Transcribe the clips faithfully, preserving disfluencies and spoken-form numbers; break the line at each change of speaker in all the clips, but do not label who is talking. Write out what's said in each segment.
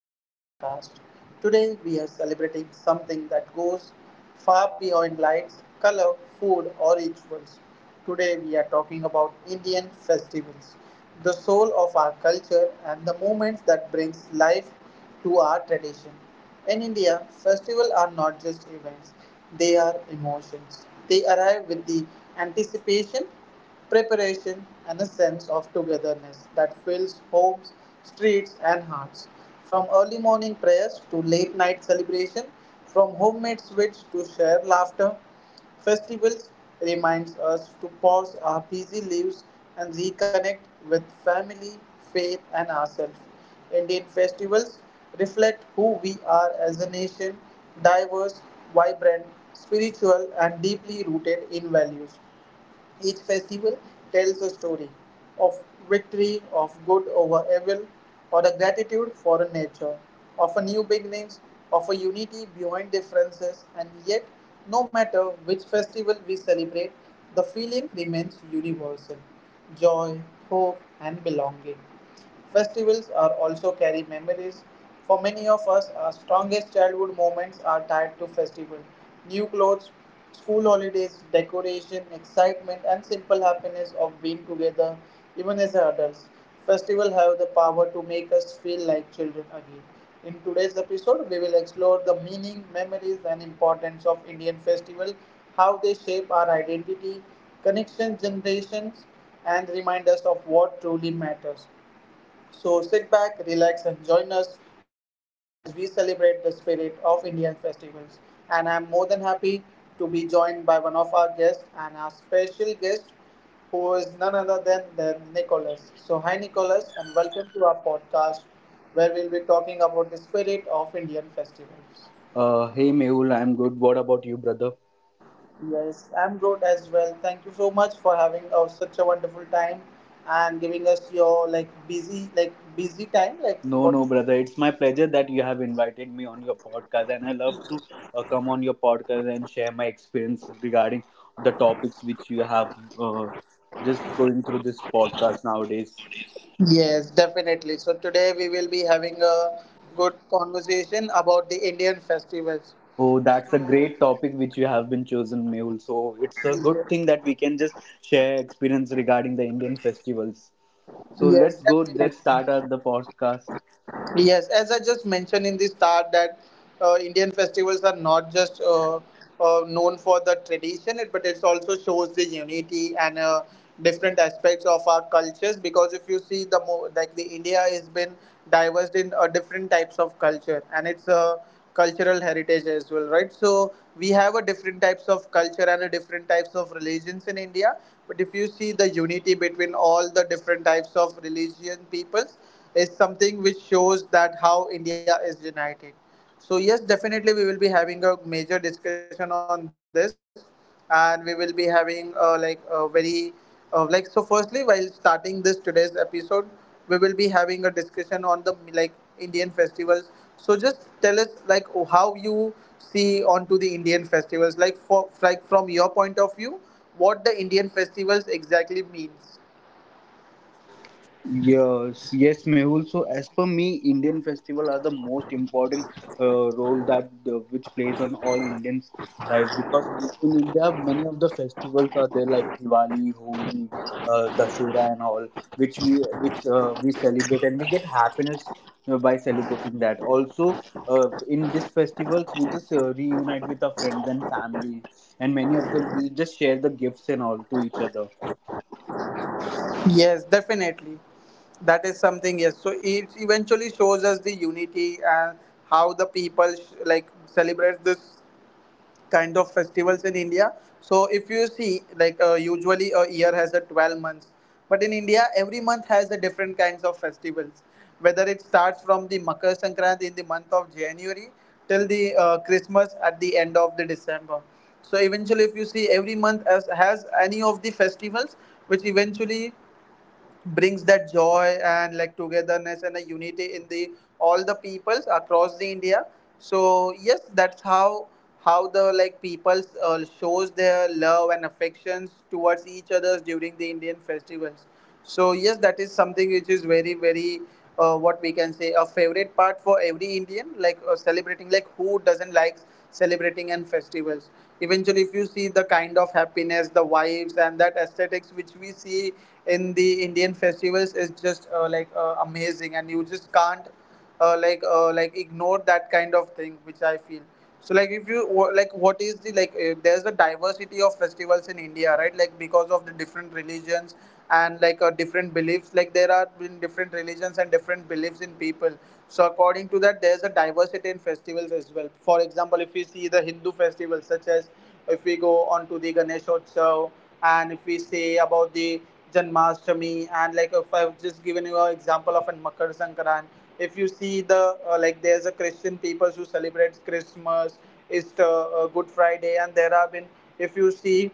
to our podcast. Today we are celebrating something that goes far beyond lights, color, food, or rituals. Today we are talking about Indian festivals, the soul of our culture and the moments that brings life to our tradition. In India, festivals are not just events, they are emotions. They arrive with the anticipation, preparation, and a sense of togetherness that fills homes, streets, and hearts. From early morning prayers to late night celebration, from homemade sweets to shared laughter, festivals reminds us to pause our busy lives and reconnect with family, faith and ourselves. Indian festivals reflect who we are as a nation, diverse, vibrant, spiritual and deeply rooted in values. Each festival tells a story of victory, of good over evil, or a gratitude for a nature, of a new beginnings, of a unity beyond differences, and yet, no matter which festival we celebrate, the feeling remains universal joy, hope, and belonging. Festivals are also carry memories. For many of us, our strongest childhood moments are tied to festival. New clothes, school holidays, decoration, excitement, and simple happiness of being together, even as adults. Festivals have the power to make us feel like children again. In today's episode, we will explore the meaning, memories, and importance of Indian festival, how they shape our identity, connection generations, and remind us of what truly matters. So sit back, relax, and join us as we celebrate the spirit of Indian festivals. And I'm more than happy to be joined by one of our guests and our special guest, who is none other than, than Nicholas. So, hi, Nicholas, and welcome to our podcast where we'll be talking about the spirit of Indian festivals.
Uh, hey Mehul, I'm good. What about you, brother?
Yes, I'm good as well. Thank you so much for having us such a wonderful time and giving us your like busy like busy time like
No,
what.
no, brother. It's my pleasure that you have invited me on your podcast, and I love to uh, come on your podcast and share my experience regarding the topics which you have uh, just going through this podcast nowadays.
Yes, definitely. So today we will be having a good conversation about the Indian festivals.
Oh,
So
that's a great topic which you have been chosen, Mehul. So it's a good
yes,
thing that we can just share experience regarding the Indian festivals. So
yes,
let's go.
definitely.
Let's start out the podcast.
Yes, as I just mentioned in the start, that uh, Indian festivals are not just uh, uh, known for the tradition, it- but it also shows the unity and uh, different aspects of our cultures. Because if you see the mo- like the India has been diverse in uh, different types of culture, and it's a cultural heritage as well, right? So we have a different types of culture and a different types of religions in India. But if you see the unity between all the different types of religion peoples is something which shows that how India is united. So yes, definitely we will be having a major discussion on this, and we will be having uh, like a very uh, like so. firstly, while starting this today's episode, we will be having a discussion on the like Indian festivals. So just tell us like how you see onto the Indian festivals, like for like from your point of view, what the Indian festivals exactly means.
Yes, yes, Mehul. So, as per me, Indian festival are the most important uh, role that uh, which plays on all Indians' life because in India many of the festivals are there like Diwali, Holi, uh, Dasera, and all which we which uh, we celebrate and we get happiness uh, by celebrating that. Also, uh, in these festivals we just uh, reunite with our friends and family, and many of them we just share the gifts and all to each other.
Yes, definitely. That is something, yes. So it eventually shows us the unity and how the people sh- like celebrate this kind of festivals in India. So if you see, like uh, usually a year has a 12 months, but in India every month has a different kinds of festivals. Whether it starts from the Makar Sankranti in the month of January till the uh, Christmas at the end of the December. So eventually, if you see every month as has any of the festivals, which eventually brings that joy and like togetherness and a unity in the all the peoples across the India. So yes, that's how how the like peoples uh, shows their love and affections towards each others during the Indian festivals. So yes, that is something which is very very uh, what we can say a favorite part for every Indian like uh, celebrating, like who doesn't like celebrating and festivals. Eventually, if you see the kind of happiness, the vibes and that aesthetics which we see in the Indian festivals is just uh, like uh, amazing and you just can't uh, like uh, like ignore that kind of thing which I feel. So like if you wha- like what is the like uh, there's a diversity of festivals in India, right? Like because of the different religions and like uh, different beliefs, like there are been different religions and different beliefs in people. So according to that, there's a diversity in festivals as well. For example, if you see the Hindu festivals such as, if we go on to the Ganeshotsav and if we say about the Janmashtami, and like if I've just given you an example of an Makar Sankran, if you see the uh, like there's a Christian people who celebrates Christmas, Easter, uh, Good Friday, and there have been, if you see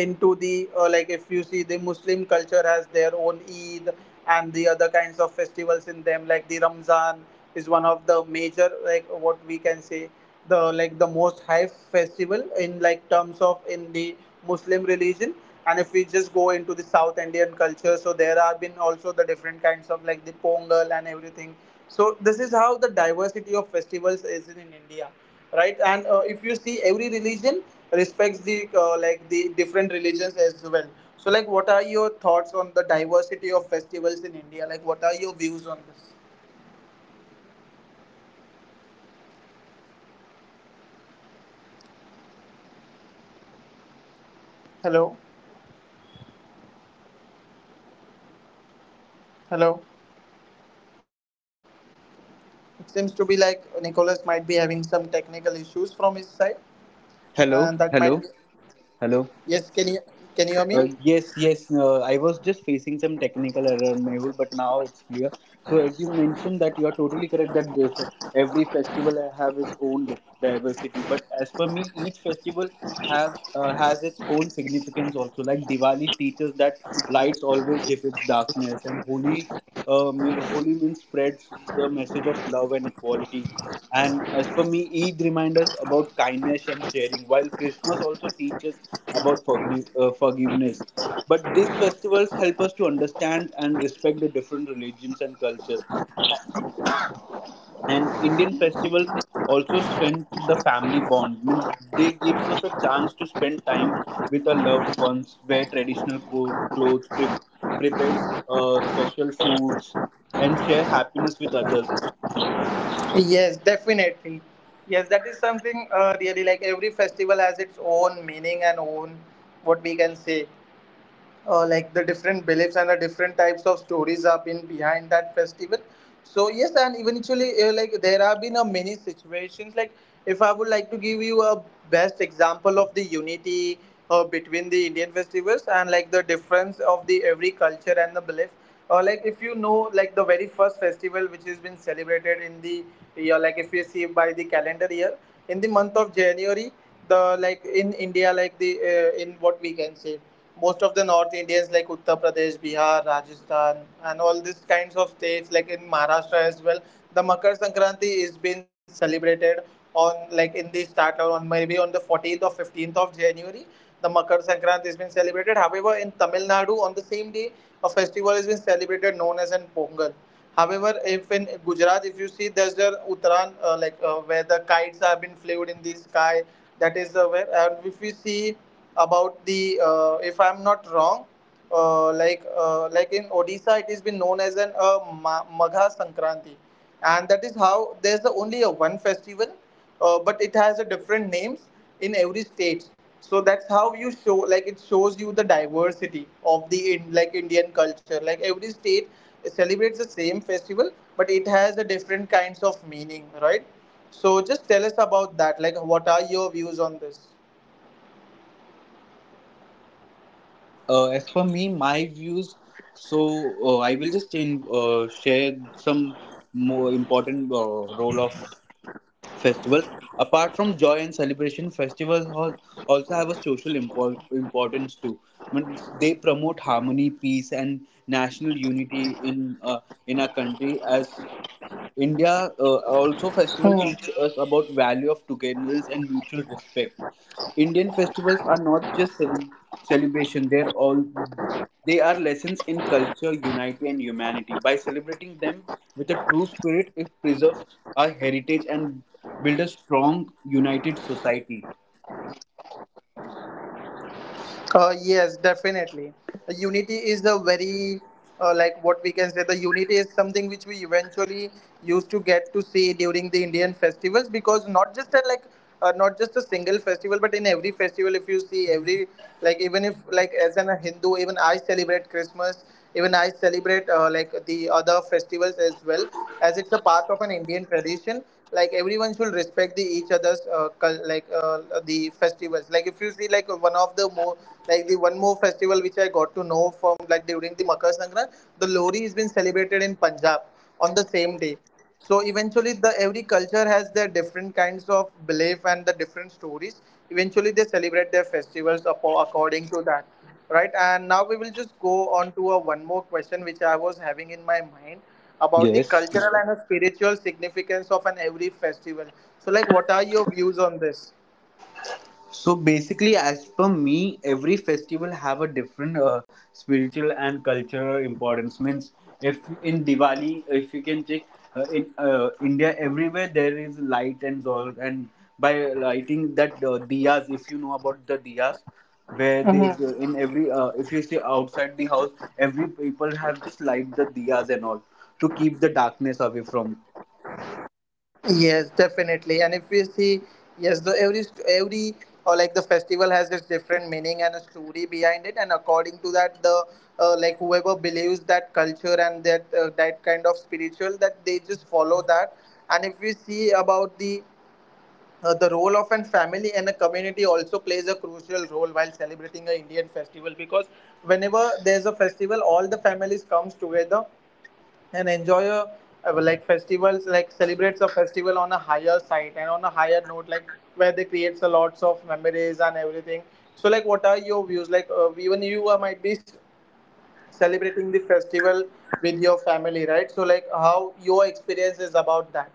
into the uh, like if you see the Muslim culture has their own Eid and the other kinds of festivals in them like the Ramzan is one of the major, like what we can say, the like the most high festival in like terms of in the Muslim religion. And if we just go into the South Indian culture, so there have been also the different kinds of like the Pongal and everything. So this is how the diversity of festivals is in, in India, right? And uh, if you see, every religion respects the uh, like the different religions as well. So like, what are your thoughts on the diversity of festivals in India? Like, what are your views on this? Hello, hello. It seems to be like Nicholas might be having some technical issues from his side, and that
Hello,
might be.
hello, hello.
Yes, can you can you hear me?
Uh, yes, yes. Uh, I was just facing some technical error, Mehul, but now it's clear. So, as you mentioned that you are totally correct that they- for every festival have its own di- diversity. But as for me, each festival have uh, has its own significance also. Like Diwali teaches that lights always defeats darkness, and Holi, uh, me- Holi means spreads the message of love and equality. And as for me, Eid reminds us about kindness and sharing, while Christmas also teaches about forgive, uh, forgiveness. But these festivals help us to understand and respect the different religions and cultures. And Indian festivals also strengthen the family bond. Means they give us a chance to spend time with our loved ones, wear traditional co- clothes, pre- prepare uh, special foods, and share happiness with others.
Yes, definitely. Yes, that is something uh, really, like every festival has its own meaning and own what we can say. Uh, like the different beliefs and the different types of stories have been behind that festival. So yes, and eventually, uh, like there have been a many situations. Like if I would like to give you a best example of the unity uh, between the Indian festivals and like the difference of the every culture and the belief, uh, like if you know like the very first festival which has been celebrated in the year, like if you see by the calendar year, in the month of January, the like in India, like the uh, in what we can say most of the North Indians like Uttar Pradesh, Bihar, Rajasthan and all these kinds of states like in Maharashtra as well, the Makar Sankranti is being celebrated on like in the start or on maybe on the fourteenth or fifteenth of January, the Makar Sankranti has been celebrated. However, in Tamil Nadu, on the same day, a festival has been celebrated known as an Pongal. However, if in Gujarat, if you see, there's the Uttaran, uh, like uh, where the kites have been flew in the sky. That is uh, where. And if we see about the, uh, if I'm not wrong, uh, like uh, like in Odisha, it has been known as an uh, Ma- Magha Sankranti, and that is how there's the only a one festival, uh, but it has a different names in every state. So that's how you show like it shows you the diversity of the in, like Indian culture. Like every state celebrates the same festival, but it has a different kinds of meaning, right? So just tell us about that. Like, what are your views on this?
Uh, as for me, my views. So uh, I will just in, uh, share some more important uh, role of festivals. Apart from joy and celebration, festivals al- also have a social impor- importance too. But they promote harmony, peace, and national unity in uh, in our country as India.
Hmm.
Uh, also festival teach us about value of togetherness and mutual respect. Indian festivals are not just cele- celebration; they're all they are lessons in culture, unity, and humanity. By celebrating them with a true spirit, it preserves our heritage and builds a strong, united society.
Uh, yes, definitely. The unity is the very, uh, like what we can say, the unity is something which we eventually used to get to see during the Indian festivals because not just at like, uh, not just a single festival, but in every festival, if you see every, like even if like as an a Hindu, even I celebrate Christmas, even I celebrate uh, like the other festivals as well, as it's a part of an Indian tradition. Like everyone should respect the each other's uh, cul- like uh, the festivals. Like if you see like one of the more like the one more festival which I got to know from like during the Makar Sankranti, the Lohri has been celebrated in Punjab on the same day. So eventually, the every culture has their different kinds of belief and the different stories. Eventually, they celebrate their festivals apo- according to that. Right, and now we will just go on to a one more question which I was having in my mind about the
Yes.
cultural and the spiritual significance of an every festival. So, like, what are your views on this?
So basically, as per me, every festival have a different uh, spiritual and cultural importance. Means, if in Diwali, if you can check uh, in uh, India, everywhere there is light and all, and by lighting that uh, diyas, if you know about the diyas, where they they-
Hmm.
in every uh, if you see outside the house, every people have just light the diyas and all to keep the darkness away from.
Yes, definitely. And if we see, yes, the every every or like the festival has its different meaning and a story behind it, and according to that, the uh, like whoever believes that culture and that uh, that kind of spiritual, that they just follow that. And if we see about the Uh, the role of a family and a community also plays a crucial role while celebrating an Indian festival, because whenever there's a festival, all the families comes together and enjoy a uh, like festivals, like, celebrates a festival on a higher side and on a higher note, like where they creates a lots of memories and everything. So like, what are your views? Like, uh, even you uh, might be s- celebrating the festival with your family, right? So like, how your experience is about that?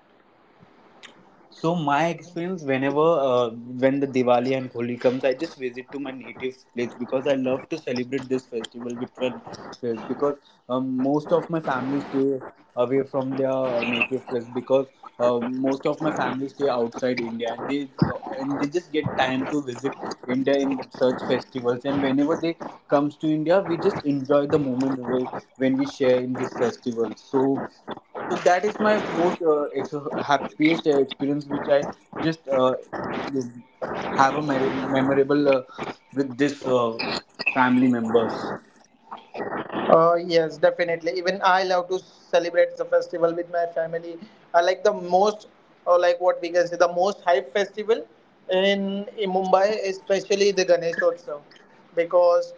So my experience whenever uh, when the Diwali and Holi comes, I just visit to my native place because I love to celebrate this festival with friends, because um, most of my family stay away from their native place, because uh, most of my family stay outside India and they uh, and they just get time to visit India in such festivals, and whenever they comes to India, we just enjoy the moment whe- when we share in this festival. So so that is my most uh, ex- happiest uh, experience which I just uh, have a me- memorable uh, with this uh, family members.
Uh, yes, definitely. Even I love to celebrate the festival with my family. I like the most, or like what we can say, the most hype festival in, in Mumbai, especially the Ganesh Utsav, because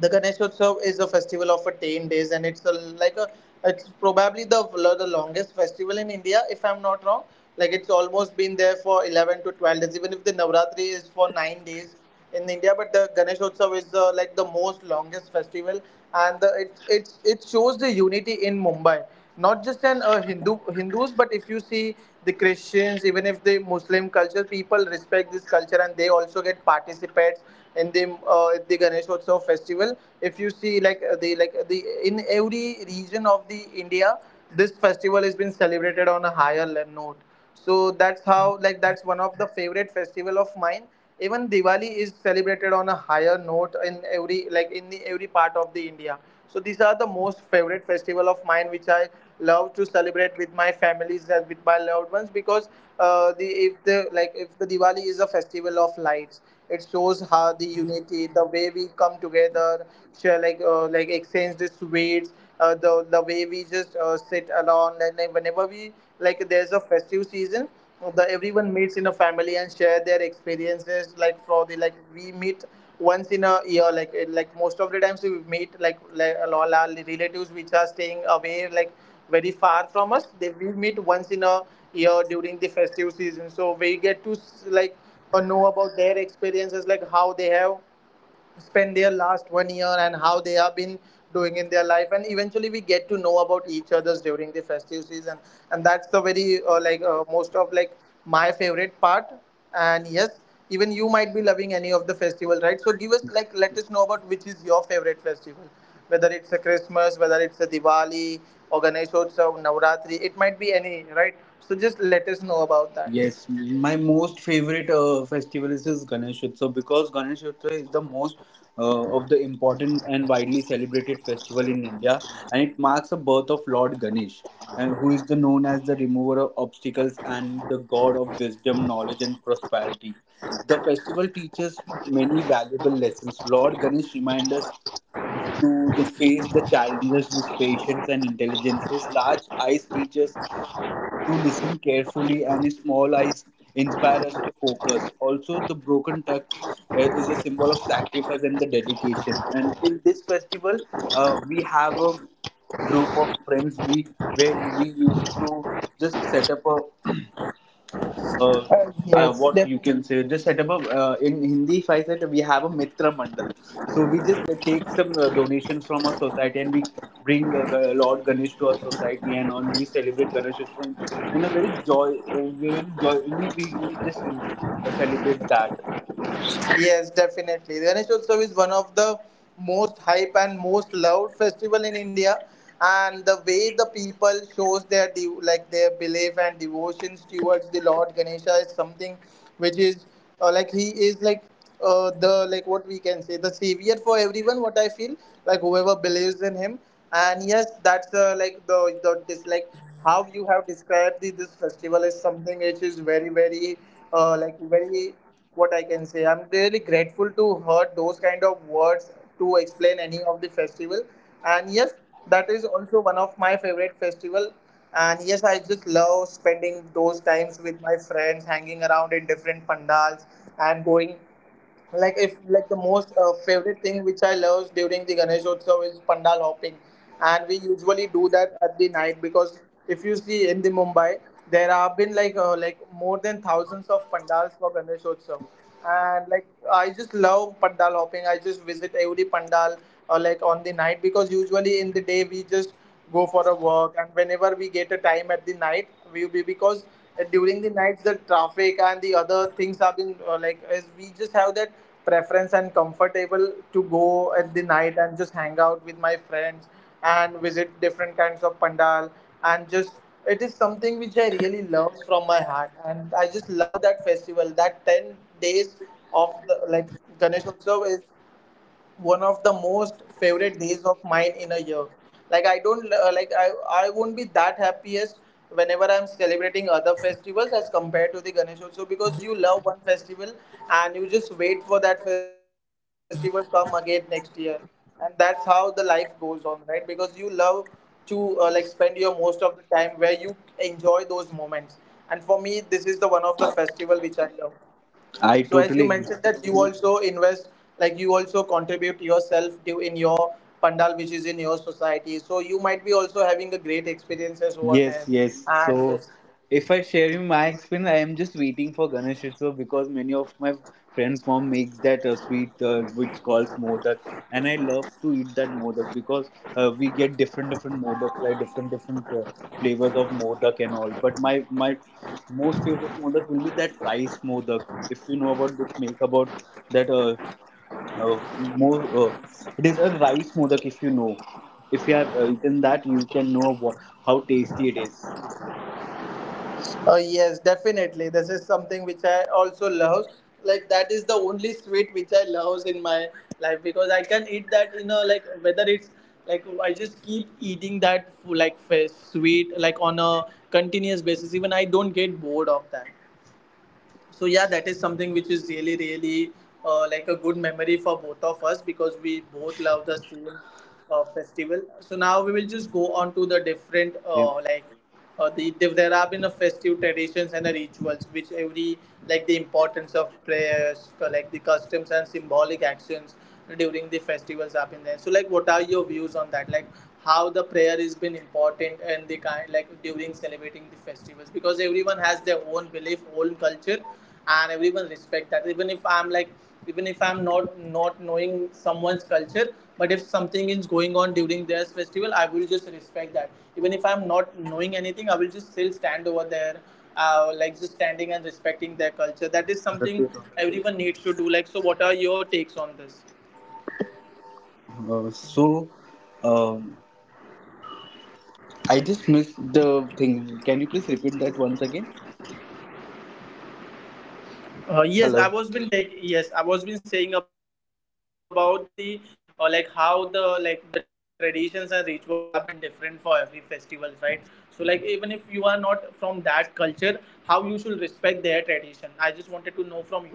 the Ganeshotsav is a festival of a ten days, and it's a, like a it's probably the the longest festival in India, if I'm not wrong. Like, it's almost been there for eleven to twelve days, even if the Navratri is for nine days in India, but the Ganeshotsav is the, like, the most longest festival. And the, it, it it shows the unity in Mumbai, not just an uh, Hindu Hindus, but if you see the Christians, even if the Muslim culture, people respect this culture and they also get participates in the uh, the Ganesh Utsav festival. If you see, like, uh, the, like, the in every region of the India, this festival has been celebrated on a higher le- note. So that's how, like, that's one of the favorite festival of mine. Even Diwali is celebrated on a higher note in every, like in the, every part of the India. So these are the most favorite festival of mine, which I love to celebrate with my families and with my loved ones, because uh, the if the like if the Diwali is a festival of lights, it shows how the unity, the way we come together, share, like, uh, like exchange the sweets, uh, the the way we just uh, sit alone, and like, whenever we, like, there's a festive season, the everyone meets in a family and share their experiences. Like for the, like, we meet once in a year, like, eh, like most of the times we meet, like, like all our relatives which are staying away, like very far from us, they we meet once in a year during the festive season. So we get to s- like, uh, know about their experiences, like how they have spend their last one year and how they have been doing in their life, and eventually we get to know about each other's during the festive season. And that's the very, uh, like, uh, most of, like, my favorite part. And yes, even you might be loving any of the festival, right? So give us, like, let us know about which is your favorite festival, whether it's a Christmas, whether it's a Diwali, or Ganeshotsav, Navratri, it might be any, right? So just let us know about that.
Yes, my most favorite uh, festival is this Ganesh Utsav, because Ganesh Utsav is the most uh, of the important and widely celebrated festival in India, and it marks the birth of Lord Ganesh, and who is the known as the remover of obstacles and the god of wisdom, knowledge, and prosperity. The festival teaches many valuable lessons. Lord Ganesh reminds us to, to face the challenges with patience and intelligence. His large eyes teach us to listen carefully and small eyes inspire us to focus. Also, the broken tux uh, is a symbol of sacrifice and the dedication. And in this festival, uh, we have a group of friends, we where we used to just set up a uh,
Uh,
uh,
yes,
what you
definitely.
can say just set up a uh, in Hindi if I said we have a mitra mandal. So we just uh, take some uh, donations from our society, and we bring uh, Ga- Lord Ganesh to our society, and on we celebrate Ganesh Utsav in, in a very joy uh, very joyfully we will just in, uh, celebrate that.
Yes, definitely. Ganesh Utsav is one of the most hype and most loved festival in India, and the way the people shows their de- like their belief and devotions towards the Lord Ganesha is something which is, uh, like he is like, uh, the, like, what we can say, the savior for everyone, what I feel, like whoever believes in him. And yes, that's, uh, like the the this, like, how you have described the, this festival is something which is very very, uh, like very, what I can say, I'm really grateful to heard those kind of words to explain any of the festival. And yes, that is also one of my favorite festival. And yes, I just love spending those times with my friends, hanging around in different pandals, and going, like, if like the most uh, favorite thing which I love during the Ganesh Utsav is pandal hopping, and we usually do that at the night. Because if you see in the Mumbai, there have been like, uh, like more than thousands of pandals for Ganesh Utsav, and like, I just love pandal hopping. I just visit every pandal uh, like on the night, because usually in the day we just go for a walk, and whenever we get a time at the night, we will be, because uh, during the nights the traffic and the other things have been, uh, like is, we just have that preference and comfortable to go at the night and just hang out with my friends and visit different kinds of pandal, and just it is something which I really love from my heart, and I just love that festival. That ten days of the, like, Ganesh Utsav is one of the most favorite days of mine in a year. Like, I don't, uh, like i i won't be that happiest whenever I'm celebrating other festivals as compared to the Ganesh Utsav, because you love one festival and you just wait for that festival to come again next year. And that's how the life goes on, right? Because you love to, uh, like spend your most of the time where you enjoy those moments, and for me this is the one of the festival which I love. So
I
as you
totally
mentioned
agree.
that you also invest, like, you also contribute yourself to in your pandal which is in your society, so you might be also having a great experiences over
Yes,
there.
yes.
And
So,
yes,
if I share you my experience, I am just waiting for Ganesh Utsav because many of my friends' mom makes that uh, sweet uh, which calls modak, and I love to eat that modak because uh, we get different different modak like different different uh, flavors of modak and all. But my my most favorite modak will be that rice modak. If you know about it, make about that. Uh, uh, more uh, it is a rice modak if you know if you have uh, eaten that you can know wha- how tasty it is.
uh, yes, definitely, this is something which I also love. Like, that is the only sweet which I love in my life, because I can eat that, you know, like whether it's like I just keep eating that fo- like f- sweet, like, on a continuous basis, even I don't get bored of that. So yeah, that is something which is really really, uh, like a good memory for both of us, because we both love the same uh, festival. So now we will just go on to the different,
Yeah.
uh, like, uh, the there there have been a festive traditions and the rituals, which every, like the importance of prayers, uh, like the customs and symbolic actions during the festivals have been there. So like, what are your views on that? Like, how the prayer has been important and the kind, like during celebrating the festivals, because everyone has their own belief, own culture, and everyone respect that. Even if I'm like, even if I'm not not knowing someone's culture, but if something is going on during their festival, I will just respect that. Even if I'm not knowing anything, I will just still stand over there, uh, like just standing and respecting their culture. That is
uh,
something everyone needs to do. Like, so what are your takes on this?
so um, I just missed the thing. Can you please repeat that once again?
Uh, yes,
Hello.
I was been take yes, I was been saying about the, uh, like how the, like, the traditions and rituals have been different for every festivals, right? So like, even if you are not from that culture, how you should respect their tradition. I just wanted to know from your side, like how you will do that.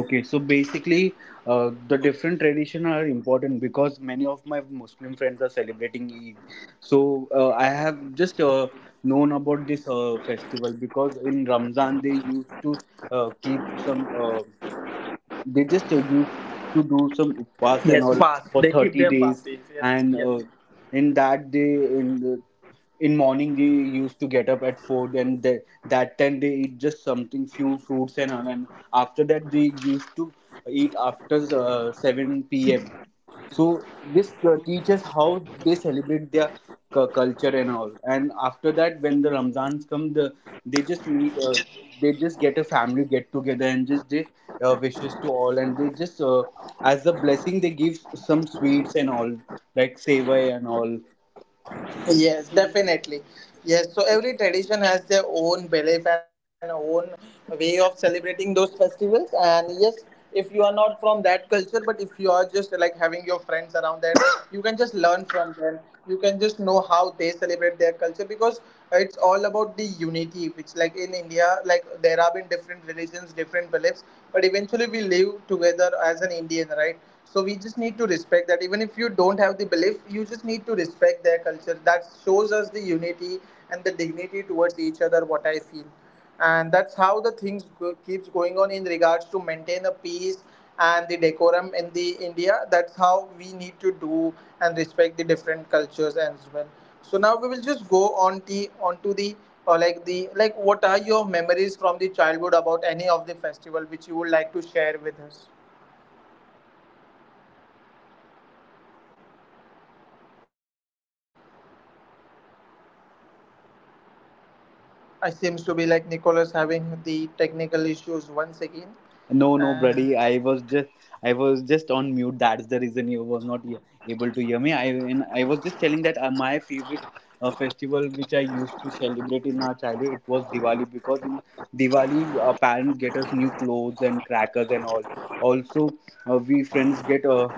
Okay, so basically uh, the different tradition are important because many of my Muslim friends are celebrating Eid. So uh, I have just uh, known about this uh, festival because in Ramzan they used to uh, keep some uh. they just tell you to do some
Yes,
upas
fast.
and
They
all
keep their
for
fast
thirty
days. Yes,
days.
yes.
And uh, in that day in the in morning they used to get up at four, and they, that time they eat just something few fruits and all, and after that they used to eat after uh, seven p m p.m. So this uh, teaches how they celebrate their cu- culture and all. And after that when the Ramzans come, the they just meet uh, they just get a family get together, and just they uh, wishes to all, and they just uh, as a blessing they give some sweets and all, like sevai and all.
Yes, definitely. Yes, so every tradition has their own belief and own way of celebrating those festivals. And yes, if you are not from that culture, but if you are just like having your friends around them, you can just learn from them. You can just know how they celebrate their culture, because it's all about the unity, which, like in India, like there have been different religions, different beliefs, but eventually we live together as an Indian, right? So we just need to respect that. Even if you don't have the belief, you just need to respect their culture. That shows us the unity and the dignity towards each other, what I feel. And that's how the things go- keeps going on in regards to maintain the peace and the decorum in the India. That's how we need to do, and respect the different cultures as well. So now we will just go on the onto the, or like the, like, what are your memories from the childhood about any of the festival which you would like to share with us? I seems to be like Nicholas having the technical issues once again. And
No, no, buddy. I was just, I was just on mute. That's the reason you was not e- able to hear me. I, and I was just telling that uh, my favorite uh, festival, which I used to celebrate in our childhood, it was Diwali, because in Diwali, our parents get us new clothes and crackers and all. Also, uh, we friends get uh,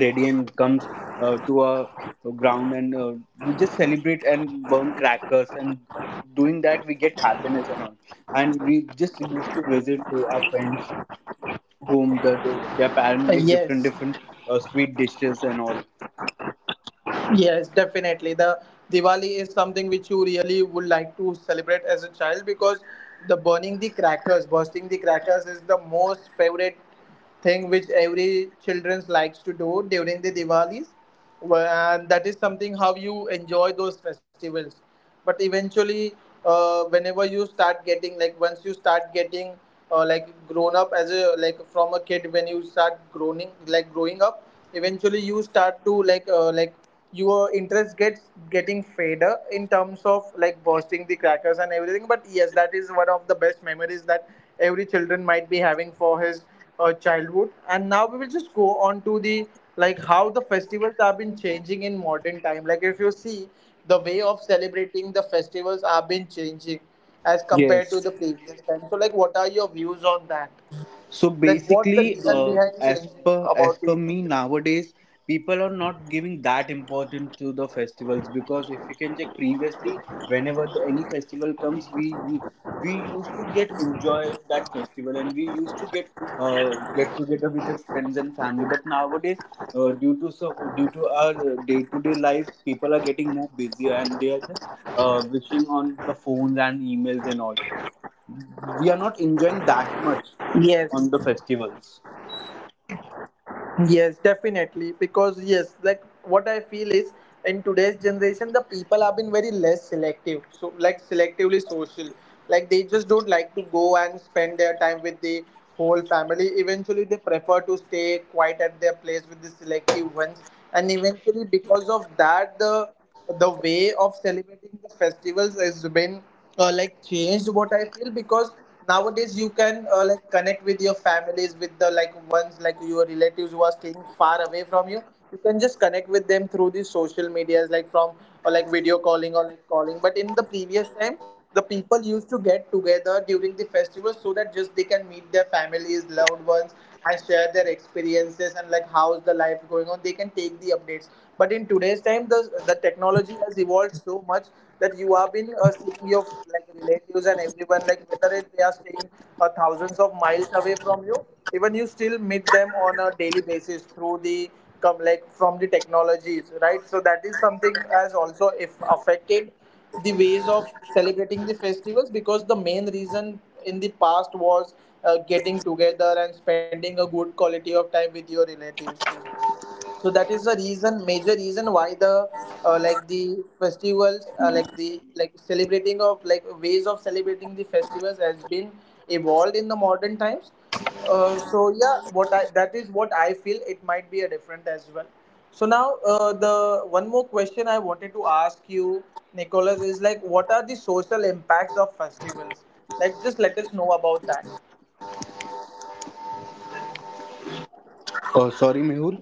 ready and comes uh, to our ground, and uh, we just celebrate and burn crackers, and doing that we get happiness and all. And we just used to visit uh, our friends whom the, the
uh,
their parents
yes,
make different different uh, sweet dishes and all.
yes, definitely. The Diwali is something which you really would like to celebrate as a child, because the burning the crackers, bursting the crackers is the most favorite thing which every children likes to do during the Diwalis. Well, and that is something how you enjoy those festivals. But eventually, uh, whenever you start getting, like, once you start getting uh, like grown up as a, like, from a kid, when you start growing, like, growing up, eventually you start to like uh, like your interest gets getting fader in terms of, like, bursting the crackers and everything. But yes, that is one of the best memories that every children might be having for his uh, childhood. And now we will just go on to the like how the festivals have been changing in modern time. Like, if you see, the way of celebrating the festivals have been changing as compared to
Yes.
the previous time. So like, what are your views on that?
So
Like, what's the
basically,
reason
uh,
behind
as
changing
per as
about
per
the
me nowadays, people are not giving that importance to the festivals, because if you can check previously, whenever the, any festival comes, we you, we used to get enjoy that festival, and we used to get uh, get together with our friends and family. But nowadays, uh, due to so due to our day to day life, people are getting more busier, and they are just uh, wishing on the phones and emails and all. We are not enjoying that much
yes?
on the festivals.
Yes, definitely. Because yes, like what I feel is, in today's generation, the people have been very less selective. So, like, selectively social. Like, they just don't like to go and spend their time with the whole family. Eventually they prefer to stay quiet at their place with the selective ones. And eventually, because of that, the the way of celebrating the festivals has been uh, like changed, what I feel. Because nowadays you can uh, like connect with your families, with the, like, ones like your relatives who are staying far away from you. You can just connect with them through the social medias, like from or like video calling or like calling. But in the previous time, the people used to get together during the festival so that just they can meet their families, loved ones, and share their experiences and like how's the life going on, they can take the updates. But in today's time, the the technology has evolved so much that you have been uh, seeing your, like, relatives and everyone, like, whether it, they are staying uh, thousands of miles away from you, even you still meet them on a daily basis through the come, like, from the technologies, right? So that is something has also if affected the ways of celebrating the festivals. Because the main reason in the past was uh, getting together and spending a good quality of time with your relatives. So that is the reason, major reason why the uh, like the festivals uh, like the, like, celebrating of, like, ways of celebrating the festivals has been evolved in the modern times. Uh, so yeah, what I, that is what I feel, it might be a different as well. So now uh, the one more question I wanted to ask you, Nicholas, is like, what are the social impacts of festivals? Like, just let us know about that.
Oh, sorry, Mehul.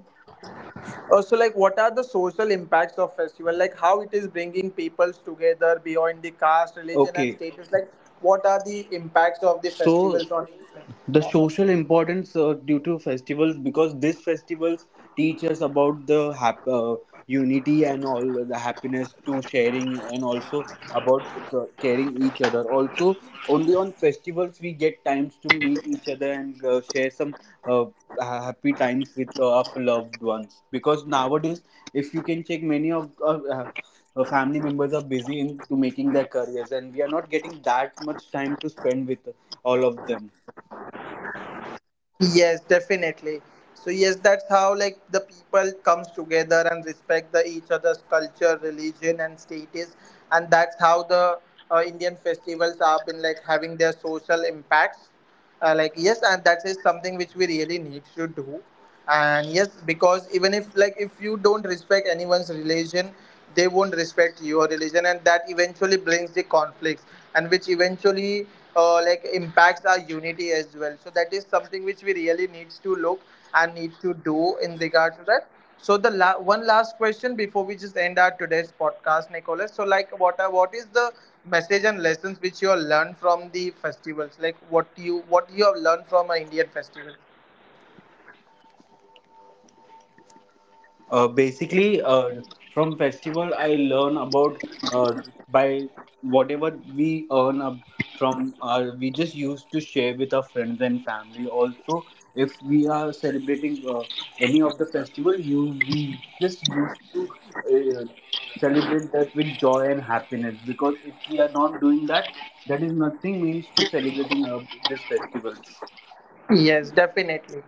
Also, like, what are the social impacts of festival? Like, how it is bringing peoples together beyond the caste, religion, and
Okay,
status. Like, what are the impacts of the
so
festivals on
the
on us?
social importance uh, due to festivals, because these festivals teach us about the hap- uh, unity and all, the happiness to sharing, and also about c- caring each other also. Only on festivals we get times to meet each other, and uh, share some uh, ha- happy times with uh, our loved ones, because nowadays, if you can check, many of uh, uh, uh, family members are busy into making their careers, and we are not getting that much time to spend with all of them.
Yes, definitely. So yes, that's how, like, the people comes together and respect the each other's culture, religion, and status. And that's how the uh, Indian festivals have been, like, having their social impacts. Uh, like yes, and that is something which we really need to do. And yes, because even if, like, if you don't respect anyone's religion, they won't respect your religion, and that eventually brings the conflicts, and which eventually uh, like impacts our unity as well. So that is something which we really needs to look and need to do in regard to that. So the la- one last question before we just end our today's podcast, Nicholas. So like, what are what is the message and lessons which you have learned from the festivals? Like, what you, what you have learned from an Indian festival?
Uh, basically, uh, from festival, I learn about uh, by whatever we earn up from. Uh, we just used to share with our friends and family. Also, if we are celebrating uh, any of the festival, you we just used to uh, celebrate that with joy and happiness. Because if we are not doing that, that is nothing means to celebrating uh, this festival.
Yes, definitely.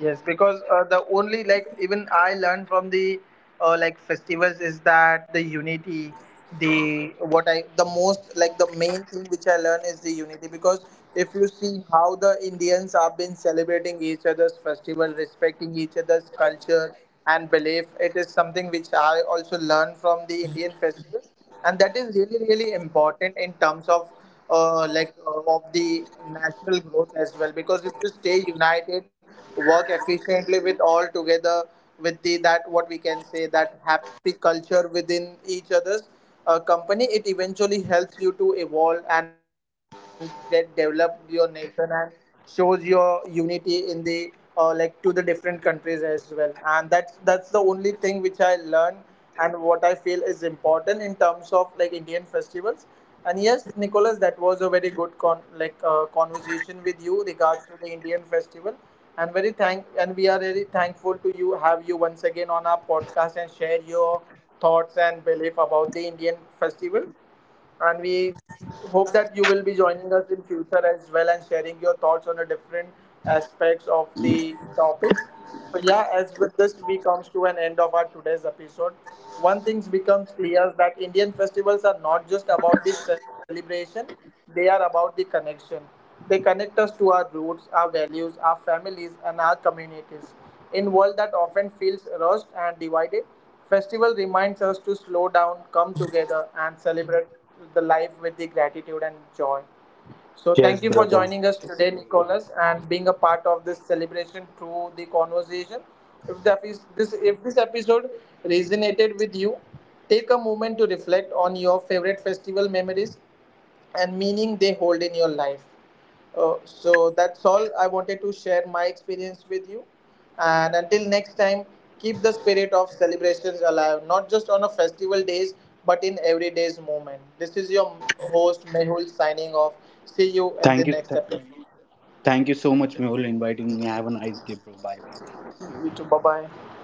Yes, because uh, the only, like, even I learned from the uh, like festivals is that the unity, the what I the most, like, the main thing which I learned is the unity. Because if you see how the Indians have been celebrating each other's festival, respecting each other's culture and belief, it is something which I also learned from the Indian festivals. And that is really, really important in terms of uh, like uh, of the national growth as well. Because if you stay united, work efficiently with all together, with the that what we can say that happy culture within each other's uh, company, it eventually helps you to evolve and get develop your nation and shows your unity in the uh, like to the different countries as well. And that's that's the only thing which I learned and what I feel is important in terms of, like, Indian festivals. And yes, Nicholas, that was a very good con- like uh, conversation with you regards to the Indian festival. And very thank and we are very thankful to you, have you once again on our podcast, and share your thoughts and belief about the Indian festival. And we hope that you will be joining us in future as well and sharing your thoughts on the different aspects of the topics. So yeah, as with this, we comes to an end of our today's episode. One thing becomes clear is that Indian festivals are not just about the celebration, they are about the connection. They connect us to our roots, our values, our families, and our communities. In a world that often feels rushed and divided, festival reminds us to slow down, come together, and celebrate the life with the gratitude and joy. So
Yes,
thank you for
brother.
joining us today, Nicholas, and being a part of this celebration through the conversation. If the epi- this if this episode resonated with you, take a moment to reflect on your favorite festival memories and meaning they hold in your life. Uh, so that's all I wanted to share my experience with you. And until next time, keep the spirit of celebrations alive, not just on a festival days, but in everyday's moment. This is your host Mehul signing off. See you in the
Thank you.
next
Th-
episode.
thank you so much, Mehul, inviting me. Have a nice day, bro. Bye bye.
You too. Bye bye.